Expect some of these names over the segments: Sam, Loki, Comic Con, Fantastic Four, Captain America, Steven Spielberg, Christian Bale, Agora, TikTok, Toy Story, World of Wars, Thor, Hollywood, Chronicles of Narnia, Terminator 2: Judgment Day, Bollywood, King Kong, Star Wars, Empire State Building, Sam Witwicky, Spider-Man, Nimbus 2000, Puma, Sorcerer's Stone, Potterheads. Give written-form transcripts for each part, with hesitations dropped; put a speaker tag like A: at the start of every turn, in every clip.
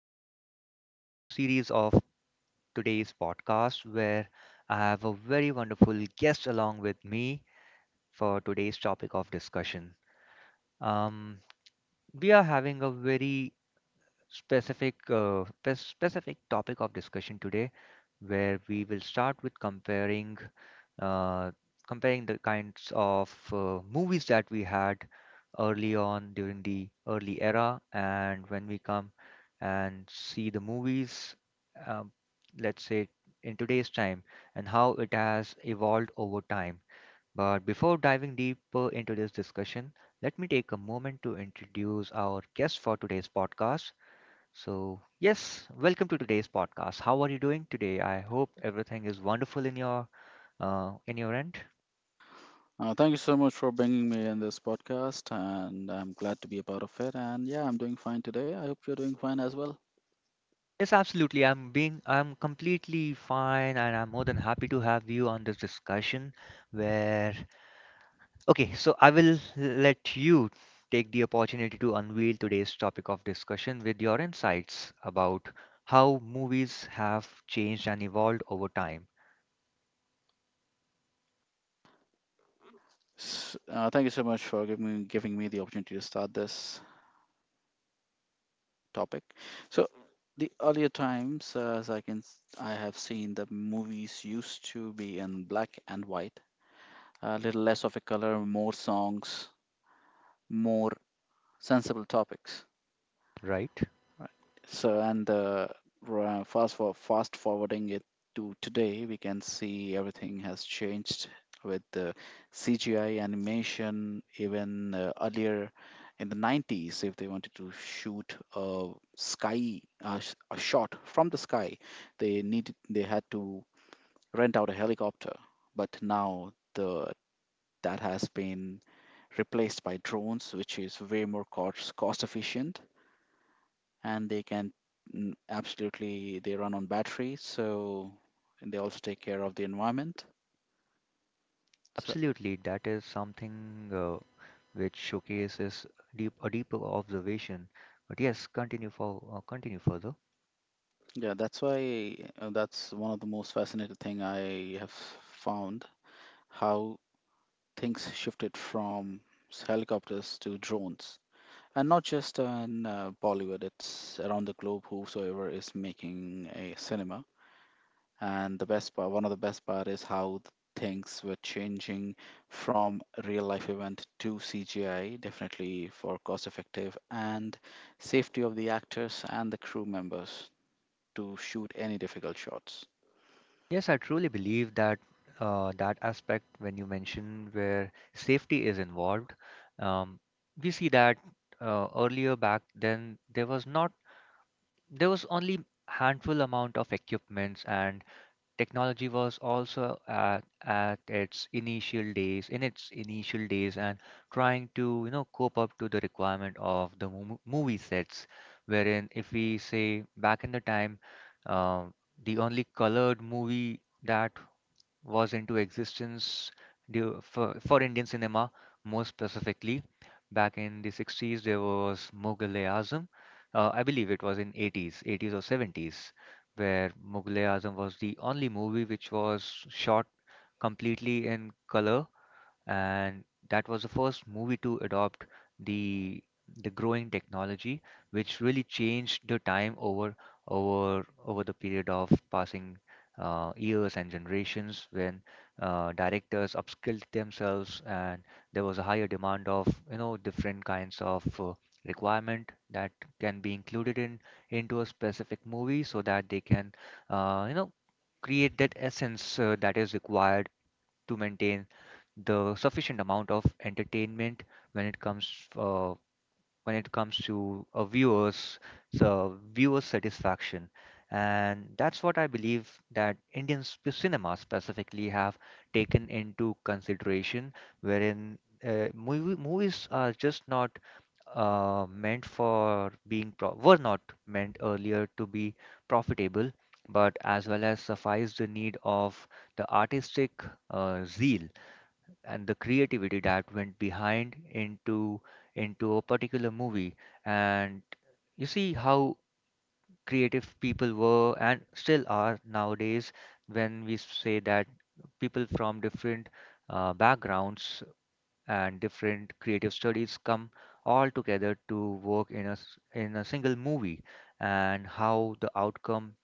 A: all to yet another series of today's podcast where I have a very wonderful guest along with me for today's topic of discussion. Um, we are having a very specific topic of discussion today, where we will start with uh, comparing the kinds of movies that we had early on during the early era, and when we come and see the movies, um, let's say in today's time, and how it has evolved over time. But before diving deeper into this discussion, let me take a moment to introduce our guest for today's podcast. So, yes, welcome to today's podcast. How are you doing today? I hope everything is wonderful in your end.
B: Thank you so much for bringing me in this podcast, and I'm glad to be a part of it. And yeah, I'm doing fine today. I hope you're doing fine as well.
A: Yes, absolutely. I'm completely fine and I'm more than happy to have you on this discussion where okay, so I will let you take the opportunity to unveil today's topic of discussion with your insights about how movies have changed and evolved over time,
B: S Thank you so much for giving me the opportunity to start this topic. So, the earlier times, as I can, s- I have seen the movies used to be in black and white, a little less of a color, more songs, more sensible topics.
A: right?
B: Right. So, and ra- fast for fast forwarding it to today, we can see everything has changed with the CGI animation. Even earlier in the 90s, if they wanted to shoot a shot from the sky, they had to rent out a helicopter. But now the that has been replaced by drones, which is way more cost efficient and they can absolutely, they run on batteries, so, and they also take care of the environment, so
A: Absolutely, that is something uh, which showcases deep a deeper observation. But yes, continue further.
B: yeah. That's why, that's one of the most fascinating thing I have found how things shifted from helicopters to drones, and not just in Bollywood, it's around the globe, whosoever is making a cinema. And the best part, one of the best part is how things were changing from real life event to CGI, definitely for cost effective and safety of the actors and the crew members to shoot any difficult shots.
A: Yes, I truly believe that that aspect when you mention where safety is involved, um, we see that earlier back then there was not there was only handful amount of equipments and technology was also at its initial days, in its initial days, and trying to, you know, cope up to the requirement of the movie sets, wherein if we say back in the time, uh, the only colored movie that was into existence due for Indian cinema, more specifically. Back in the 60s, there was Mughal-e-Azam. I believe it was in 80s, 80s or 70s, where Mughal-e-Azam was the only movie which was shot completely in color, and that was the first movie to adopt the growing technology, which really changed the time over the period of passing years and generations when directors upskilled themselves, and there was a higher demand of, you know, different kinds of requirement that can be included in into a specific movie so that they can, you know, create that essence that is required to maintain the sufficient amount of entertainment when it comes uh, when it comes to a viewers, so viewer satisfaction. And that's what I believe that Indian cinema specifically have taken into consideration, wherein, movies are just not meant for being pro- were not meant earlier to be profitable, but as well as suffice the need of the artistic zeal and the creativity that went behind into a particular movie. And you see how creative people were and still are nowadays, when we say that people from different backgrounds and different creative studies come all together to work in in a single movie, and how the outcome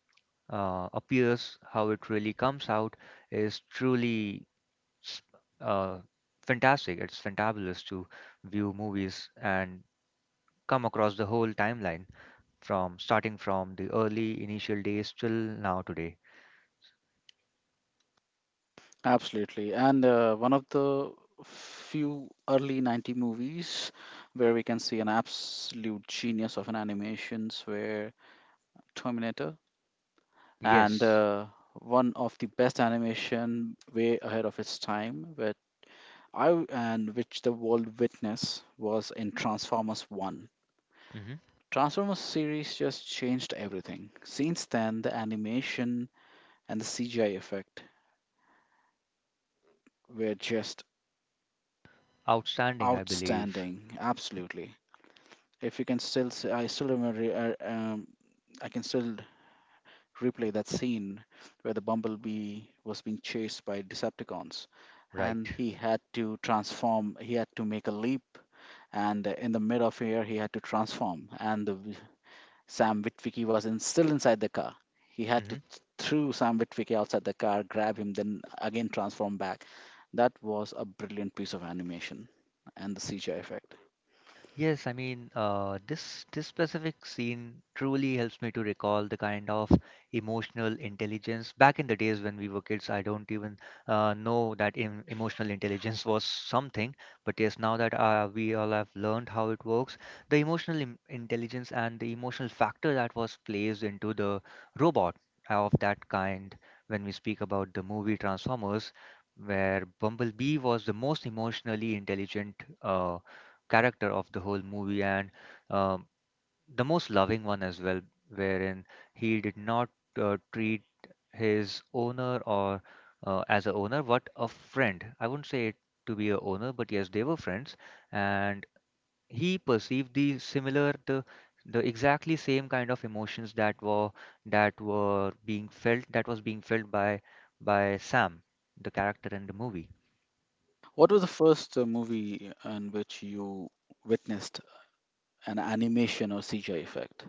A: appears how it really comes out is truly s- uh, fantastic. It's fantabulous to view movies and come across the whole timeline from starting from the early initial days till now today.
B: Absolutely. And one of the few early 90 movies where we can see an absolute genius of an animations where Terminator, and
A: Yes.
B: one of the best animation way ahead of its time, where I and which the world witness was in Transformers 1.
A: Hmm.
B: Transformers series just changed everything. Since then, the animation and the CGI effect were just
A: Outstanding, I believe.
B: outstanding. Absolutely. If you can still, s- I still remember, uh, um, I can still replay that scene where the Bumblebee was being chased by Decepticons, and
A: Right.
B: he had to transform. He had to make a leap, and in the mid of air he had to transform, and Sam Witwicky was, in, still inside the car. He had to throw Sam Witwicky outside the car, grab him, then again transform back. That was a brilliant piece of animation and the CGI effect.
A: Yes, I mean, this specific scene truly helps me to recall the kind of emotional intelligence. Back in the days when we were kids, I don't even know that emotional intelligence was something. But yes, now that we all have learned how it works, the emotional im intelligence and the emotional factor that was placed into the robot of that kind, when we speak about the movie Transformers, where Bumblebee was the most emotionally intelligent uh, character of the whole movie, and um, the most loving one as well, wherein he did not treat his owner or as a owner, but a friend. I wouldn't say it to be a owner, but yes, they were friends, and he perceived the similar the exactly same kind of emotions that were being felt that was being felt by Sam, the character in the movie.
B: What was the first movie in which you witnessed an animation or CGI effect?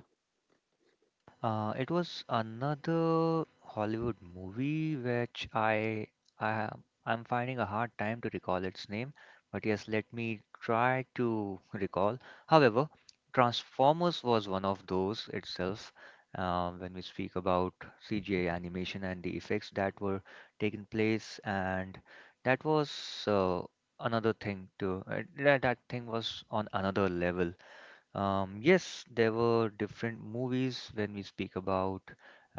A: It was another Hollywood movie which I'm finding a hard time to recall its name, but yes, let me try to recall. However, Transformers was one of those itself. When we speak about CGI animation and the effects that were taking place, and that was, uh, another thing too. That thing was on another level. Yes, there were different movies when we speak about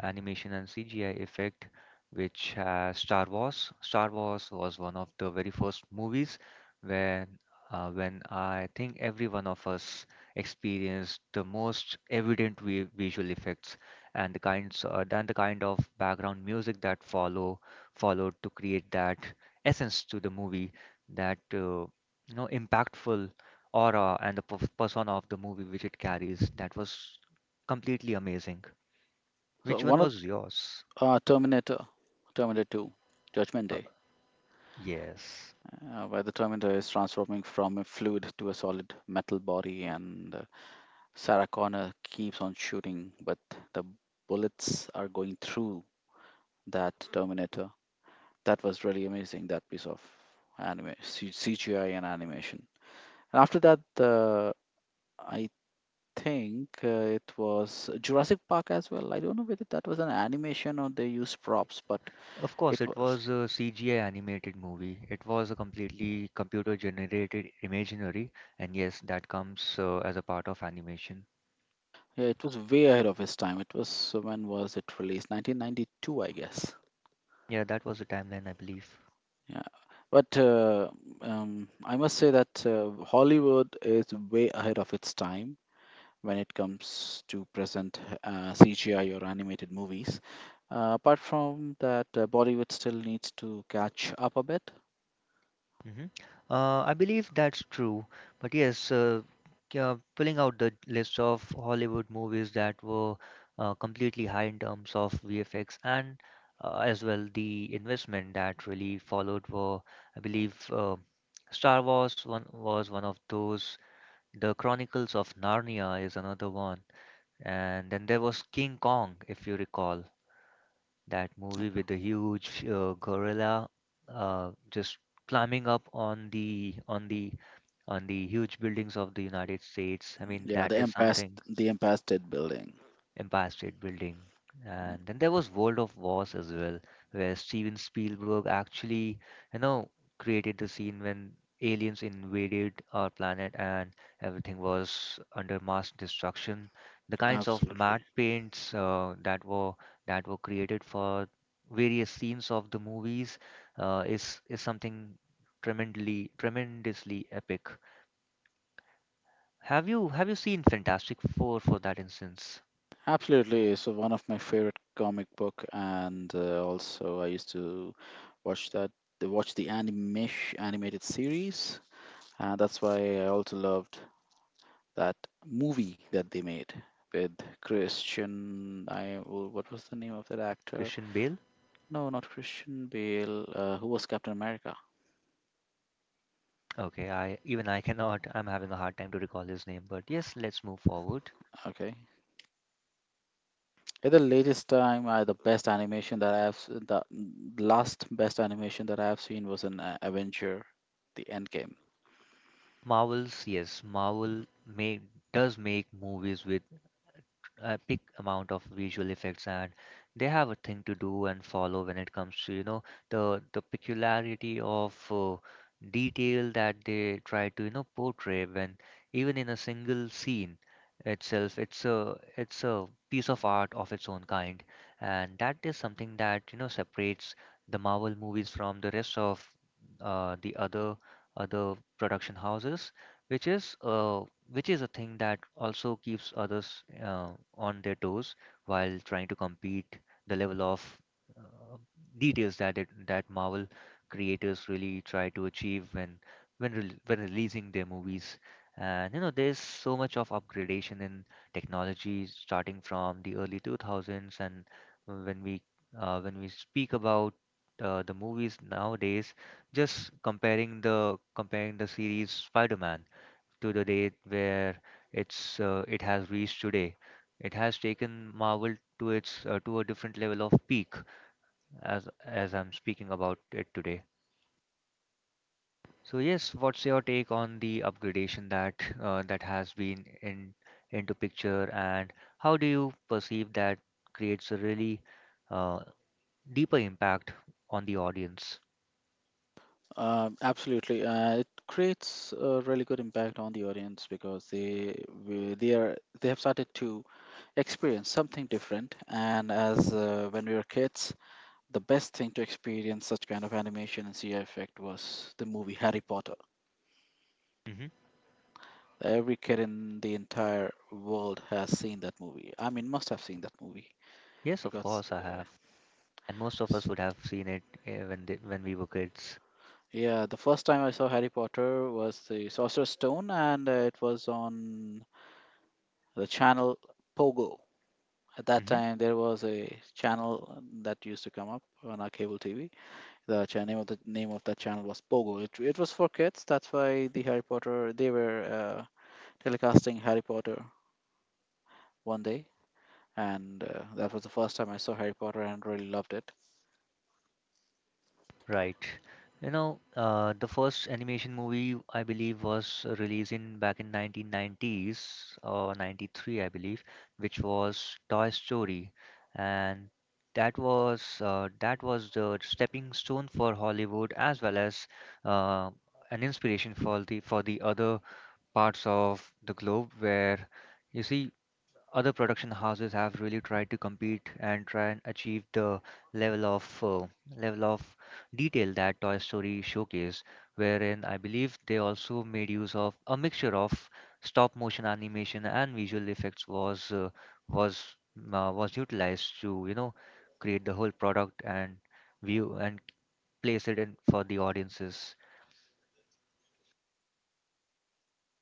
A: animation and CGI effect, which has Star Wars. Star Wars was one of the very first movies when when I think every one of us experienced the most evident vi visual effects and the kinds and the kind of background music that followed to create that essence to the movie, that, you know, impactful aura and the persona of the movie which it carries. That was completely amazing.
B: So
A: Which one
B: one of
A: was yours?
B: uh, Terminator, Terminator 2, Judgment
A: Uh,
B: Day,
A: yes.
B: where the Terminator is transforming from a fluid to a solid metal body, and Sarah Connor keeps on shooting, but the bullets are going through that Terminator. That was really amazing, that piece of CGI and animation. And after that, I think it was Jurassic Park as well. I don't know whether that was an animation or they used props, but
A: Of course,
B: it
A: it
B: was.
A: was a CGI animated movie. It was a completely computer generated imaginary, and yes, that comes as a part of animation.
B: Yeah, it was way ahead of its time. It was, when was it released? 1992, I guess.
A: Yeah, that was the timeline, I believe.
B: Yeah, but I must say that Hollywood is way ahead of its time when it comes to present CGI or animated movies. Bollywood still needs to catch up a bit.
A: Hmm. I believe that's true. But yes, yeah, pulling out the list of Hollywood movies that were completely high in terms of VFX and, as well the investment that really followed were, I believe, Star Wars one was one of those. The Chronicles of Narnia is another one, and then there was King Kong, if you recall that movie with the huge gorilla just climbing up on the on the on the huge buildings of the United States. I mean,
B: Yeah,
A: that is something.
B: The Empire State Building.
A: Empire State Building. And then there was World of Wars as well, where Steven Spielberg actually, you know, created the scene when aliens invaded our planet and everything was under mass destruction. The kinds of
B: Absolutely.
A: matte paints that were created for various scenes of the movies is something tremendously epic. Have you seen Fantastic Four for that instance?
B: Absolutely. It's one of my favorite comic book, and also I used to watch that, watch the animation animated series, and that's why I also loved that movie that they made with Christian. I, oh, what was the name of that actor?
A: Christian Bale?
B: No, not Christian Bale. Who was Captain America?
A: Okay, I cannot. I'm having a hard time to recall his name, but yes, let's move forward.
B: Okay. At the latest time, the best animation that I've s- the mm, last best animation that I've seen was in Avenger, the Endgame.
A: Marvels, yes, Marvel made does make movies with a big amount of visual effects, and they have a thing to do and follow when it comes to, you know, the peculiarity of detail that they try to, you know, portray when even in a single scene itself. It's a piece of art of its own kind, and that is something that, you know, separates the Marvel movies from the rest of, the other other production houses, which is uh, which is a thing that also keeps others on their toes while trying to compete the level of, uh, details that that Marvel creators really try to achieve when releasing their movies. And you know, there's so much of upgradation in technology starting from the early 2000s, and when we, when we speak about the movies nowadays, just comparing the series Spider-Man to the date where it has reached today. It has taken Marvel to its, to a different level of peak as I'm speaking about it today. So yes, what's your take on the upgradation that that has been in into picture, and how do you perceive that creates a really uh, deeper impact on the audience?
B: Absolutely, it creates a really good impact on the audience because they are, they have started to experience something different. And as when we were kids, the best thing to experience such kind of animation and CGI effect was the movie Harry Potter.
A: Hmm.
B: Every kid in the entire world has seen that movie. I mean, must have seen that movie.
A: Yes,
B: I
A: of
B: got, s-
A: course I have, and most of us
B: s-
A: would have seen it when we were kids.
B: Yeah, the first time I saw Harry Potter was the Sorcerer's Stone, and it was on the channel Pogo. At that time, there was a channel that used to come up on our cable TV. The name of that channel was Pogo. It was for kids. That's why the Harry Potter they were. uh, Telecasting Harry Potter one day, and that was the first time I saw Harry Potter and really loved it.
A: Right. You know, the first animation movie I believe was released in back in 1990s or 93, I believe, which was Toy Story, and that was the stepping stone for Hollywood as well as uh, an inspiration for the other parts of the globe, where you see other production houses have really tried to compete and try and achieve the level of, level of detail that Toy Story showcased, wherein I believe they also made use of a mixture of stop motion animation and visual effects was, was was utilized to, you know, create the whole product and view and place it in for the audiences.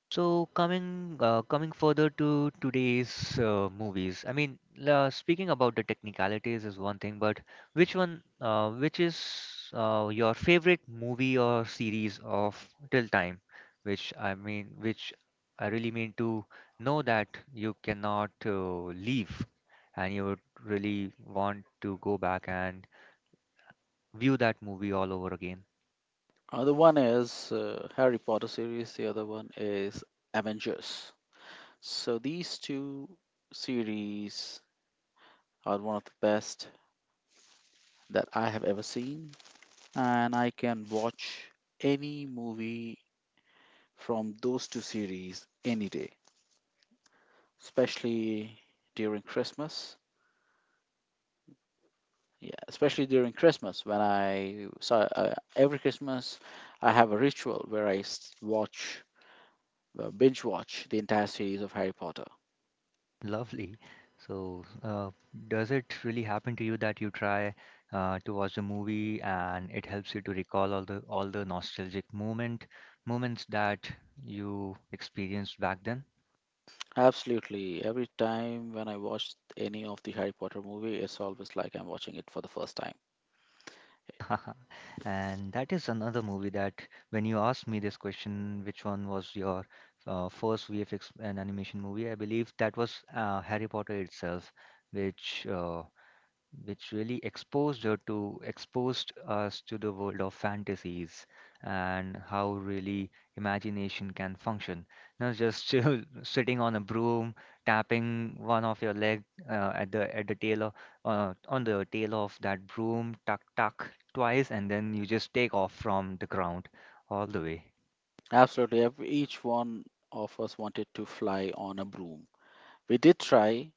A: So coming further to today's movies, I mean, la speaking about the technicalities is one thing, but which one, which is your favorite movie or series of till time, which, I mean, which I really mean to know that you cannot leave, and you would really want to go back and view that movie all over again.
B: Other one is Harry Potter series, the other one is Avengers. So these two series are one of the best that I have ever seen, and I can watch any movie from those two series any day, especially during Christmas. Yeah, especially during Christmas, when I, so every Christmas I have a ritual where I s- watch binge watch the entire series of Harry Potter.
A: Lovely. So, does it really happen to you that you try to watch a movie and it helps you to recall all the nostalgic moments that you experienced back then?
B: Absolutely, every time when I watch any of the Harry Potter movie, it's always like I'm watching it for the first time.
A: And that is another movie that when you asked me this question, which one was your first VFX and animation movie? I believe that was Harry Potter itself, which uh, which really exposed us to the world of fantasies and how really imagination can function. Not just chill, sitting on a broom, tapping one of your leg at the tail on the tail of that broom, tuck tuck twice, and then you just take off from the ground all the way.
B: Absolutely, every, each one of us wanted to fly on a broom. We did try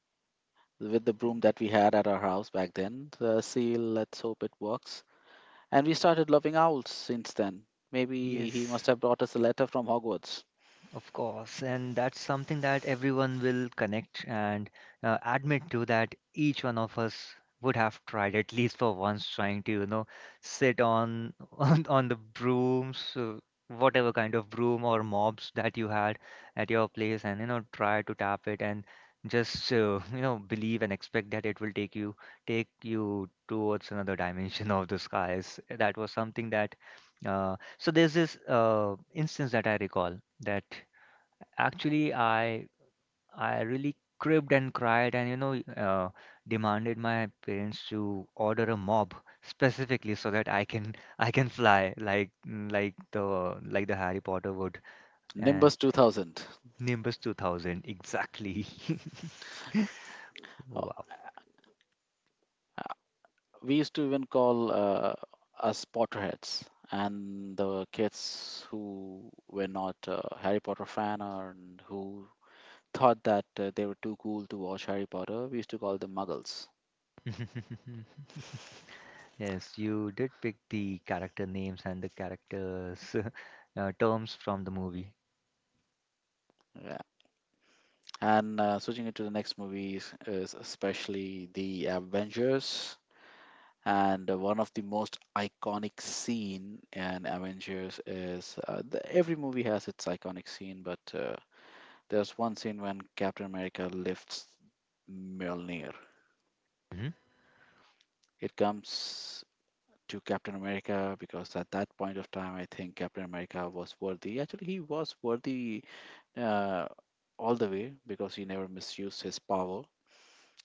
B: with the broom that we had at our house back then. See, let's hope it works. And we started loving owls since then. Maybe he
A: Yes.
B: must have brought us a letter from Hogwarts.
A: Of course, and that's something that everyone will connect and admit to that each one of us would have tried at least for once trying to, sit on on the brooms, whatever kind of broom or mops that you had at your place and, try to tap it and just, believe and expect that it will take you towards another dimension of the skies. That was something that uh, so there's this instance that I recall that actually I really cribbed and cried and demanded my parents to order a mob specifically so that I can I can fly like the Harry Potter would and
B: Nimbus 2000.
A: Nimbus 2000 exactly.
B: Uh,
A: Wow.
B: We used to even call us Potterheads. And the kids who were not Harry Potter fan, or and who thought that they were too cool to watch Harry Potter, we used to call them Muggles.
A: Yes, you did pick the character names and the characters terms from the movie.
B: Yeah. And switching it to the next movies, is especially the Avengers, and one of the most iconic scene in Avengers is every movie has its iconic scene, but there's one scene when Captain America lifts Mjolnir.
A: Hmm.
B: It comes to Captain America because at that point of time, I think Captain America was worthy. Actually, he was worthy uh, all the way because he never misused his power.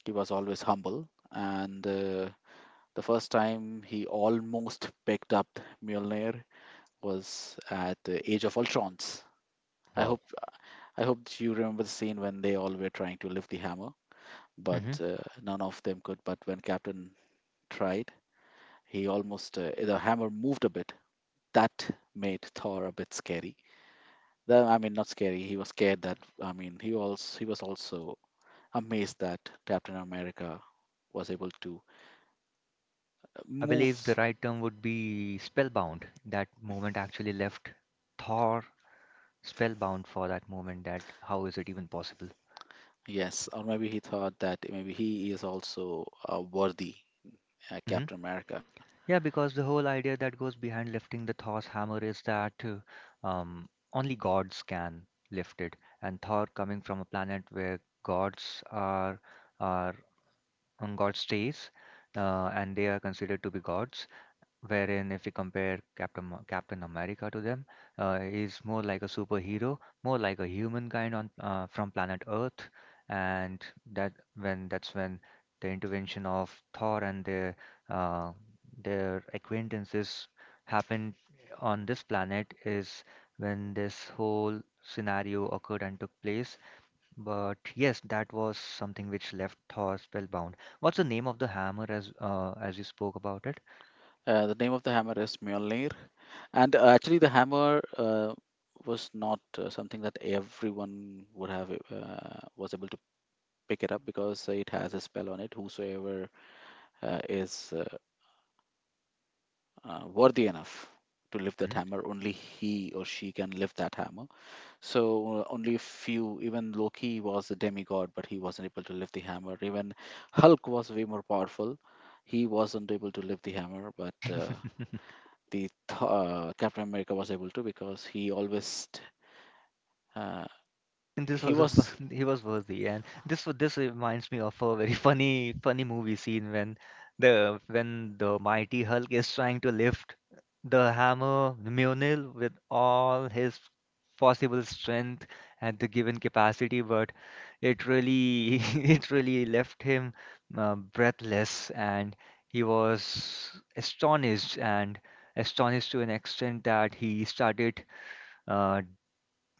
B: He was always humble, and the first time he almost picked up Mjolnir, was at the Age of Ultrons. I
A: Wow.
B: hope I hope that you remember the scene when they all were trying to lift the hammer, but none of them could. But when Captain tried, he almost the hammer moved a bit. That made Thor a bit scary. I mean, not scary. He was scared that, I mean, he was also amazed that Captain America was able to
A: I believe the
B: move.
A: right term would be spellbound. That moment actually left Thor spellbound for that moment. That how is it even possible?
B: Yes, or maybe he thought that maybe he is also worthy,
A: Hmm.
B: Captain America.
A: Yeah, because the whole idea that goes behind lifting the Thor's hammer is that only gods can lift it, and Thor coming from a planet where gods are on God's stays, and they are considered to be gods, wherein if we compare Captain America to them, he's more like a superhero, more like a humankind on from planet Earth, and that's when the intervention of Thor and uh, their acquaintances happened on this planet is when this whole scenario occurred and took place. But yes, that was something which left Thor spellbound. What's the name of the hammer as you spoke about it?
B: The name of the hammer is Mjolnir, and actually the hammer was not something that everyone would have was able to pick it up because it has a spell on it. Whosoever is worthy enough to lift that
A: Hmm?
B: hammer, only he or she can lift that hammer. So only a few. Even Loki was a demigod, but he wasn't able to lift the hammer. Even Hulk was way more powerful. He wasn't able to lift the hammer, but Captain America was able to because he always uh,
A: This
B: he
A: was a
B: was.
A: fun, he was worthy, and this reminds me of a very funny movie scene when the mighty Hulk is trying to lift the hammer Mjolnir with all his possible strength at the given capacity, but it really it really left him breathless, and he was astonished and astonished to an extent that he started uh,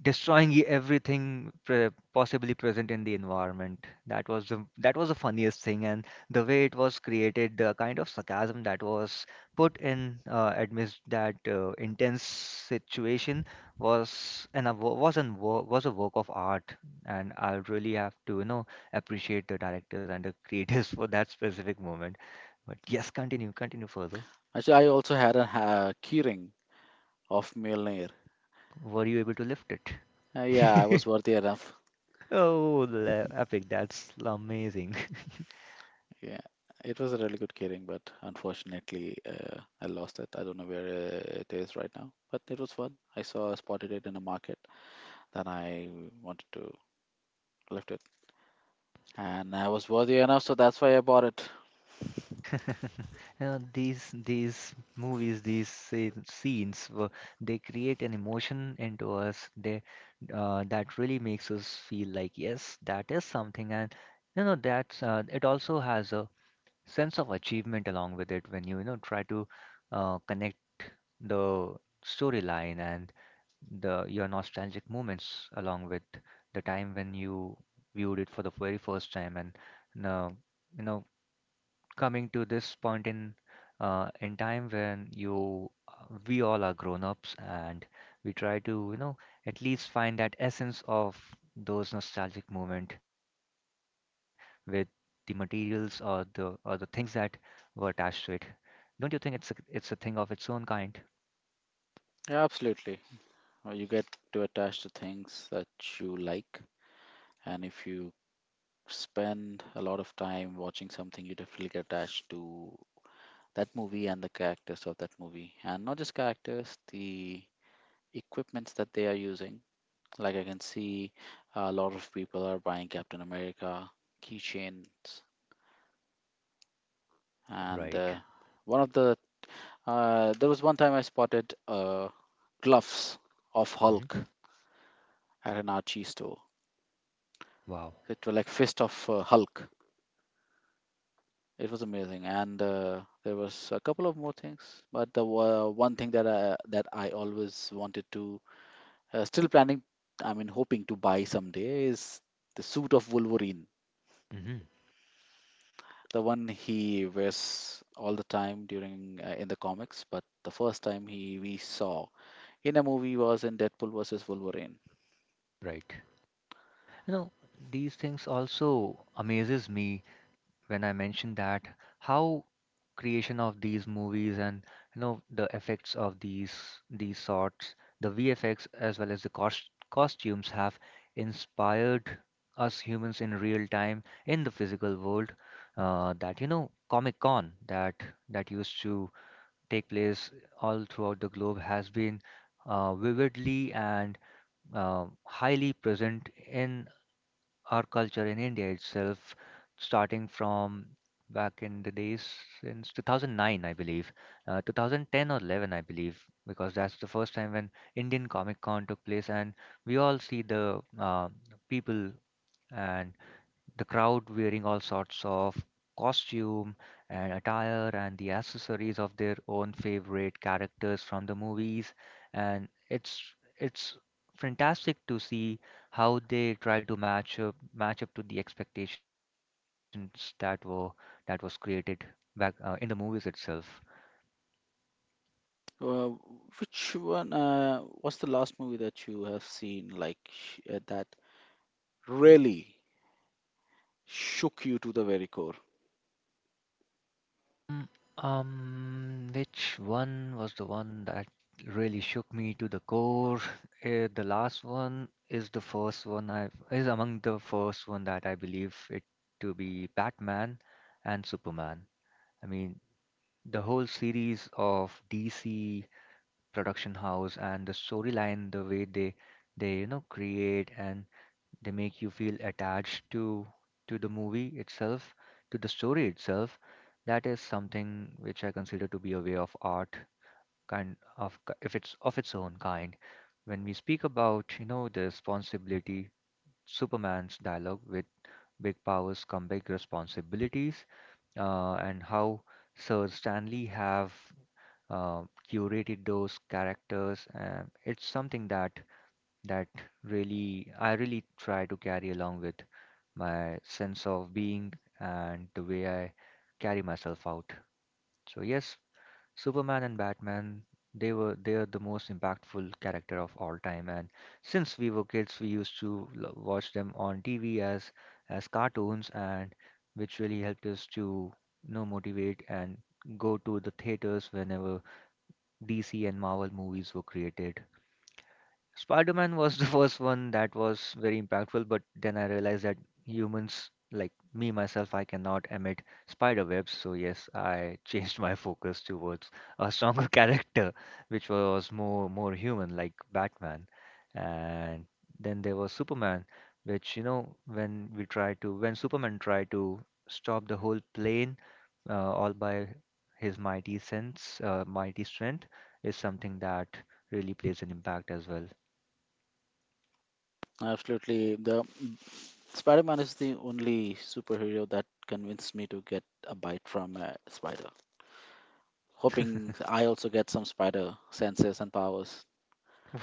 A: destroying everything possibly present in the environment. That was that was the funniest thing, and the way it was created, the kind of sarcasm that was put in amidst that intense situation was an a wo- was an wo- was a work of art, and I really have to appreciate the directors and the creators for that specific moment. But yes, continue further.
B: Actually, I also had a keyring of Mjolnir.
A: Were you able to lift
B: Yeah, I
A: it?
B: was worthy enough.
A: Oh, epic, that's amazing.
B: Yeah, it was a really good keyring, but unfortunately I lost it. I don't know where it is right now, but it was fun. I saw spotted it in a market, then I wanted to lift it, and I was worthy enough, so that's why I bought it.
A: You know, these movies, these scenes, they create an emotion into us. They That really makes us feel like yes, that is something, and you know that's it also has a sense of achievement along with it when you know try to connect the storyline and the your nostalgic moments along with the time when you viewed it for the very first time and you you know, coming to this point in time when you we all are grown-ups and we try to, at least find that essence of those nostalgic moment with the materials or the things that were attached to it. Don't you think it's it's a thing of its own kind?
B: Yeah, absolutely. You get to attach to things that you like, and if you spend a lot of time watching something, you definitely get attached to that movie and the characters of that movie. And not just characters, the equipments that they are using. Like I can see a lot of people are buying Captain America keychains. And
A: Right.
B: one of the, there was one time I spotted gloves of
A: Hmm.
B: Hulk at an Archie store.
A: Wow.
B: It were like fist of Hulk. It was amazing, and there was a couple of more things, but one thing that I always wanted to, still planning, I mean, hoping to buy someday is the suit of Wolverine,
A: Hmm.
B: the one he wears all the time during in the comics. But the first time he we saw in a movie was in Deadpool versus Wolverine.
A: Right. You know, these things also amazes me when I mentioned that how creation of these movies and you know the effects of these sorts, the VFX as well as the costumes have inspired us humans in real time in the physical world. That you know Comic Con that used to take place all throughout the globe has been vividly and uh, highly present in our culture in India itself, starting from back in the days since 2009, I believe, 2010 or 11, I believe, because that's the first time when Indian Comic Con took place, and we all see the people and the crowd wearing all sorts of costume and attire and the accessories of their own favorite characters from the movies, and it's fantastic to see how they try to match up to the expectations that were that was created back in the movies itself.
B: Uh, which one? What's the last movie that you have seen, that really shook you to the very core?
A: Mm. Which one was the one that really shook me to the core? Eh, the first one I is among the first one that I believe it to be Batman and Superman. I mean, the whole series of DC production house and the storyline, the way they you know create and they make you feel attached to the movie itself, to the story itself. That is something which I consider to be a way of art, kind of k- if it's of its own kind. When we speak about, you know, the responsibility, Superman's dialogue with big powers come big responsibilities, and how Sir Stanley have uh, curated those characters. It's something that really I really try to carry along with my sense of being and the way I carry myself out. So yes, Superman and Batman, they are the most impactful character of all time. And since we were kids, we used to watch them on TV as cartoons, and which really helped us to you know motivate and go to the theaters whenever DC and Marvel movies were created. Spider-Man was the first one that was very impactful, but then I realized that humans, like me myself, I cannot emit spider webs. So yes, I changed my focus towards a stronger character, which was more human, like Batman. And then there was Superman, which you know when Superman tried to stop the whole plane, all by his mighty sense, mighty strength, is something that really plays an impact as well.
B: Absolutely. The Spider-Man is the only superhero that convinced me to get a bite from a spider. Hoping I also get some spider senses and powers.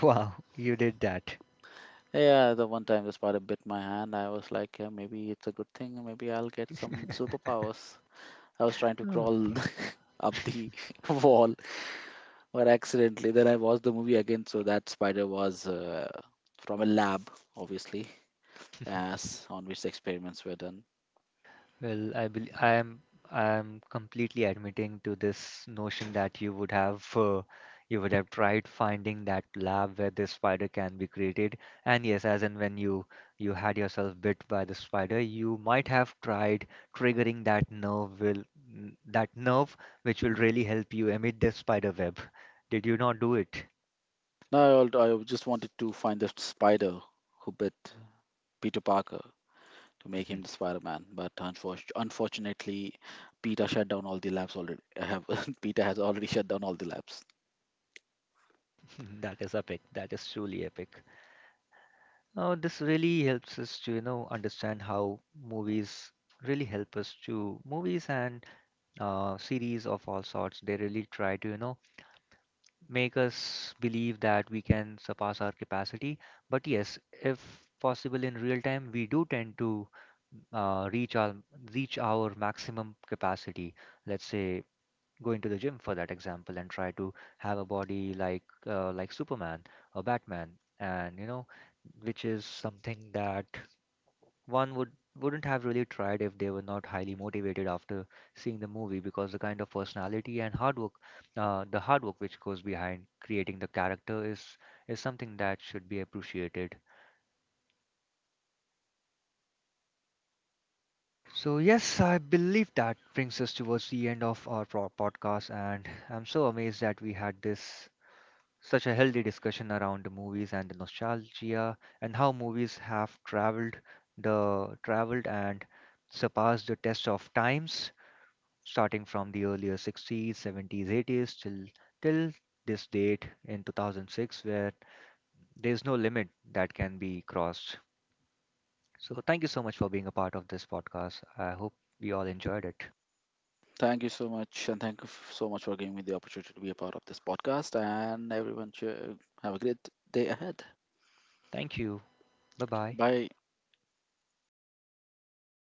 A: Wow, you did that.
B: Yeah, the one time the spider bit my hand, I was like, yeah, maybe it's a good thing. Maybe I'll get some superpowers. I was trying to
A: Oh.
B: crawl up the wall, but accidentally. Then I watched the movie again, so that spider was from a lab, obviously, as on which the experiments were done.
A: Well, I am I am completely admitting to this notion that you would have tried finding that lab where this spider can be created. And yes, as and when you had yourself bit by the spider, you might have tried triggering that that nerve which will really help you emit the spider web. Did you not do it?
B: No, I just wanted to find the spider who bit Peter Parker to make him the Spider-Man, but unfortunately, Peter shut down all the labs already. I Have Peter has already shut down all the labs.
A: That is epic. That is truly epic. Oh, this really helps us to, you know, understand how movies really help us to movies and series of all sorts. They really try to, you know, make us believe that we can surpass our capacity. But yes, if possible in real time, we do tend to uh, reach our reach our maximum capacity. Let's say go into the gym for that example and try to have a body like Superman or Batman, and you know, which is something that one would wouldn't have really tried if they were not highly motivated after seeing the movie, because the kind of personality and hard work the hard work which goes behind creating the character is something that should be appreciated. So yes, I believe that brings us towards the end of our podcast, and I'm so amazed that we had this such a healthy discussion around the movies and the nostalgia and how movies have traveled and surpassed the test of times, starting from the earlier 60's, 70's, 80's till till this date in 2006, where there's no limit that can be crossed. So thank you so much for being a part of this podcast. I hope we all enjoyed it.
B: Thank you so much, and thank you so much for giving me the opportunity to be a part of this podcast. And everyone, have a great day ahead.
A: Thank you. Bye-bye.
B: Bye.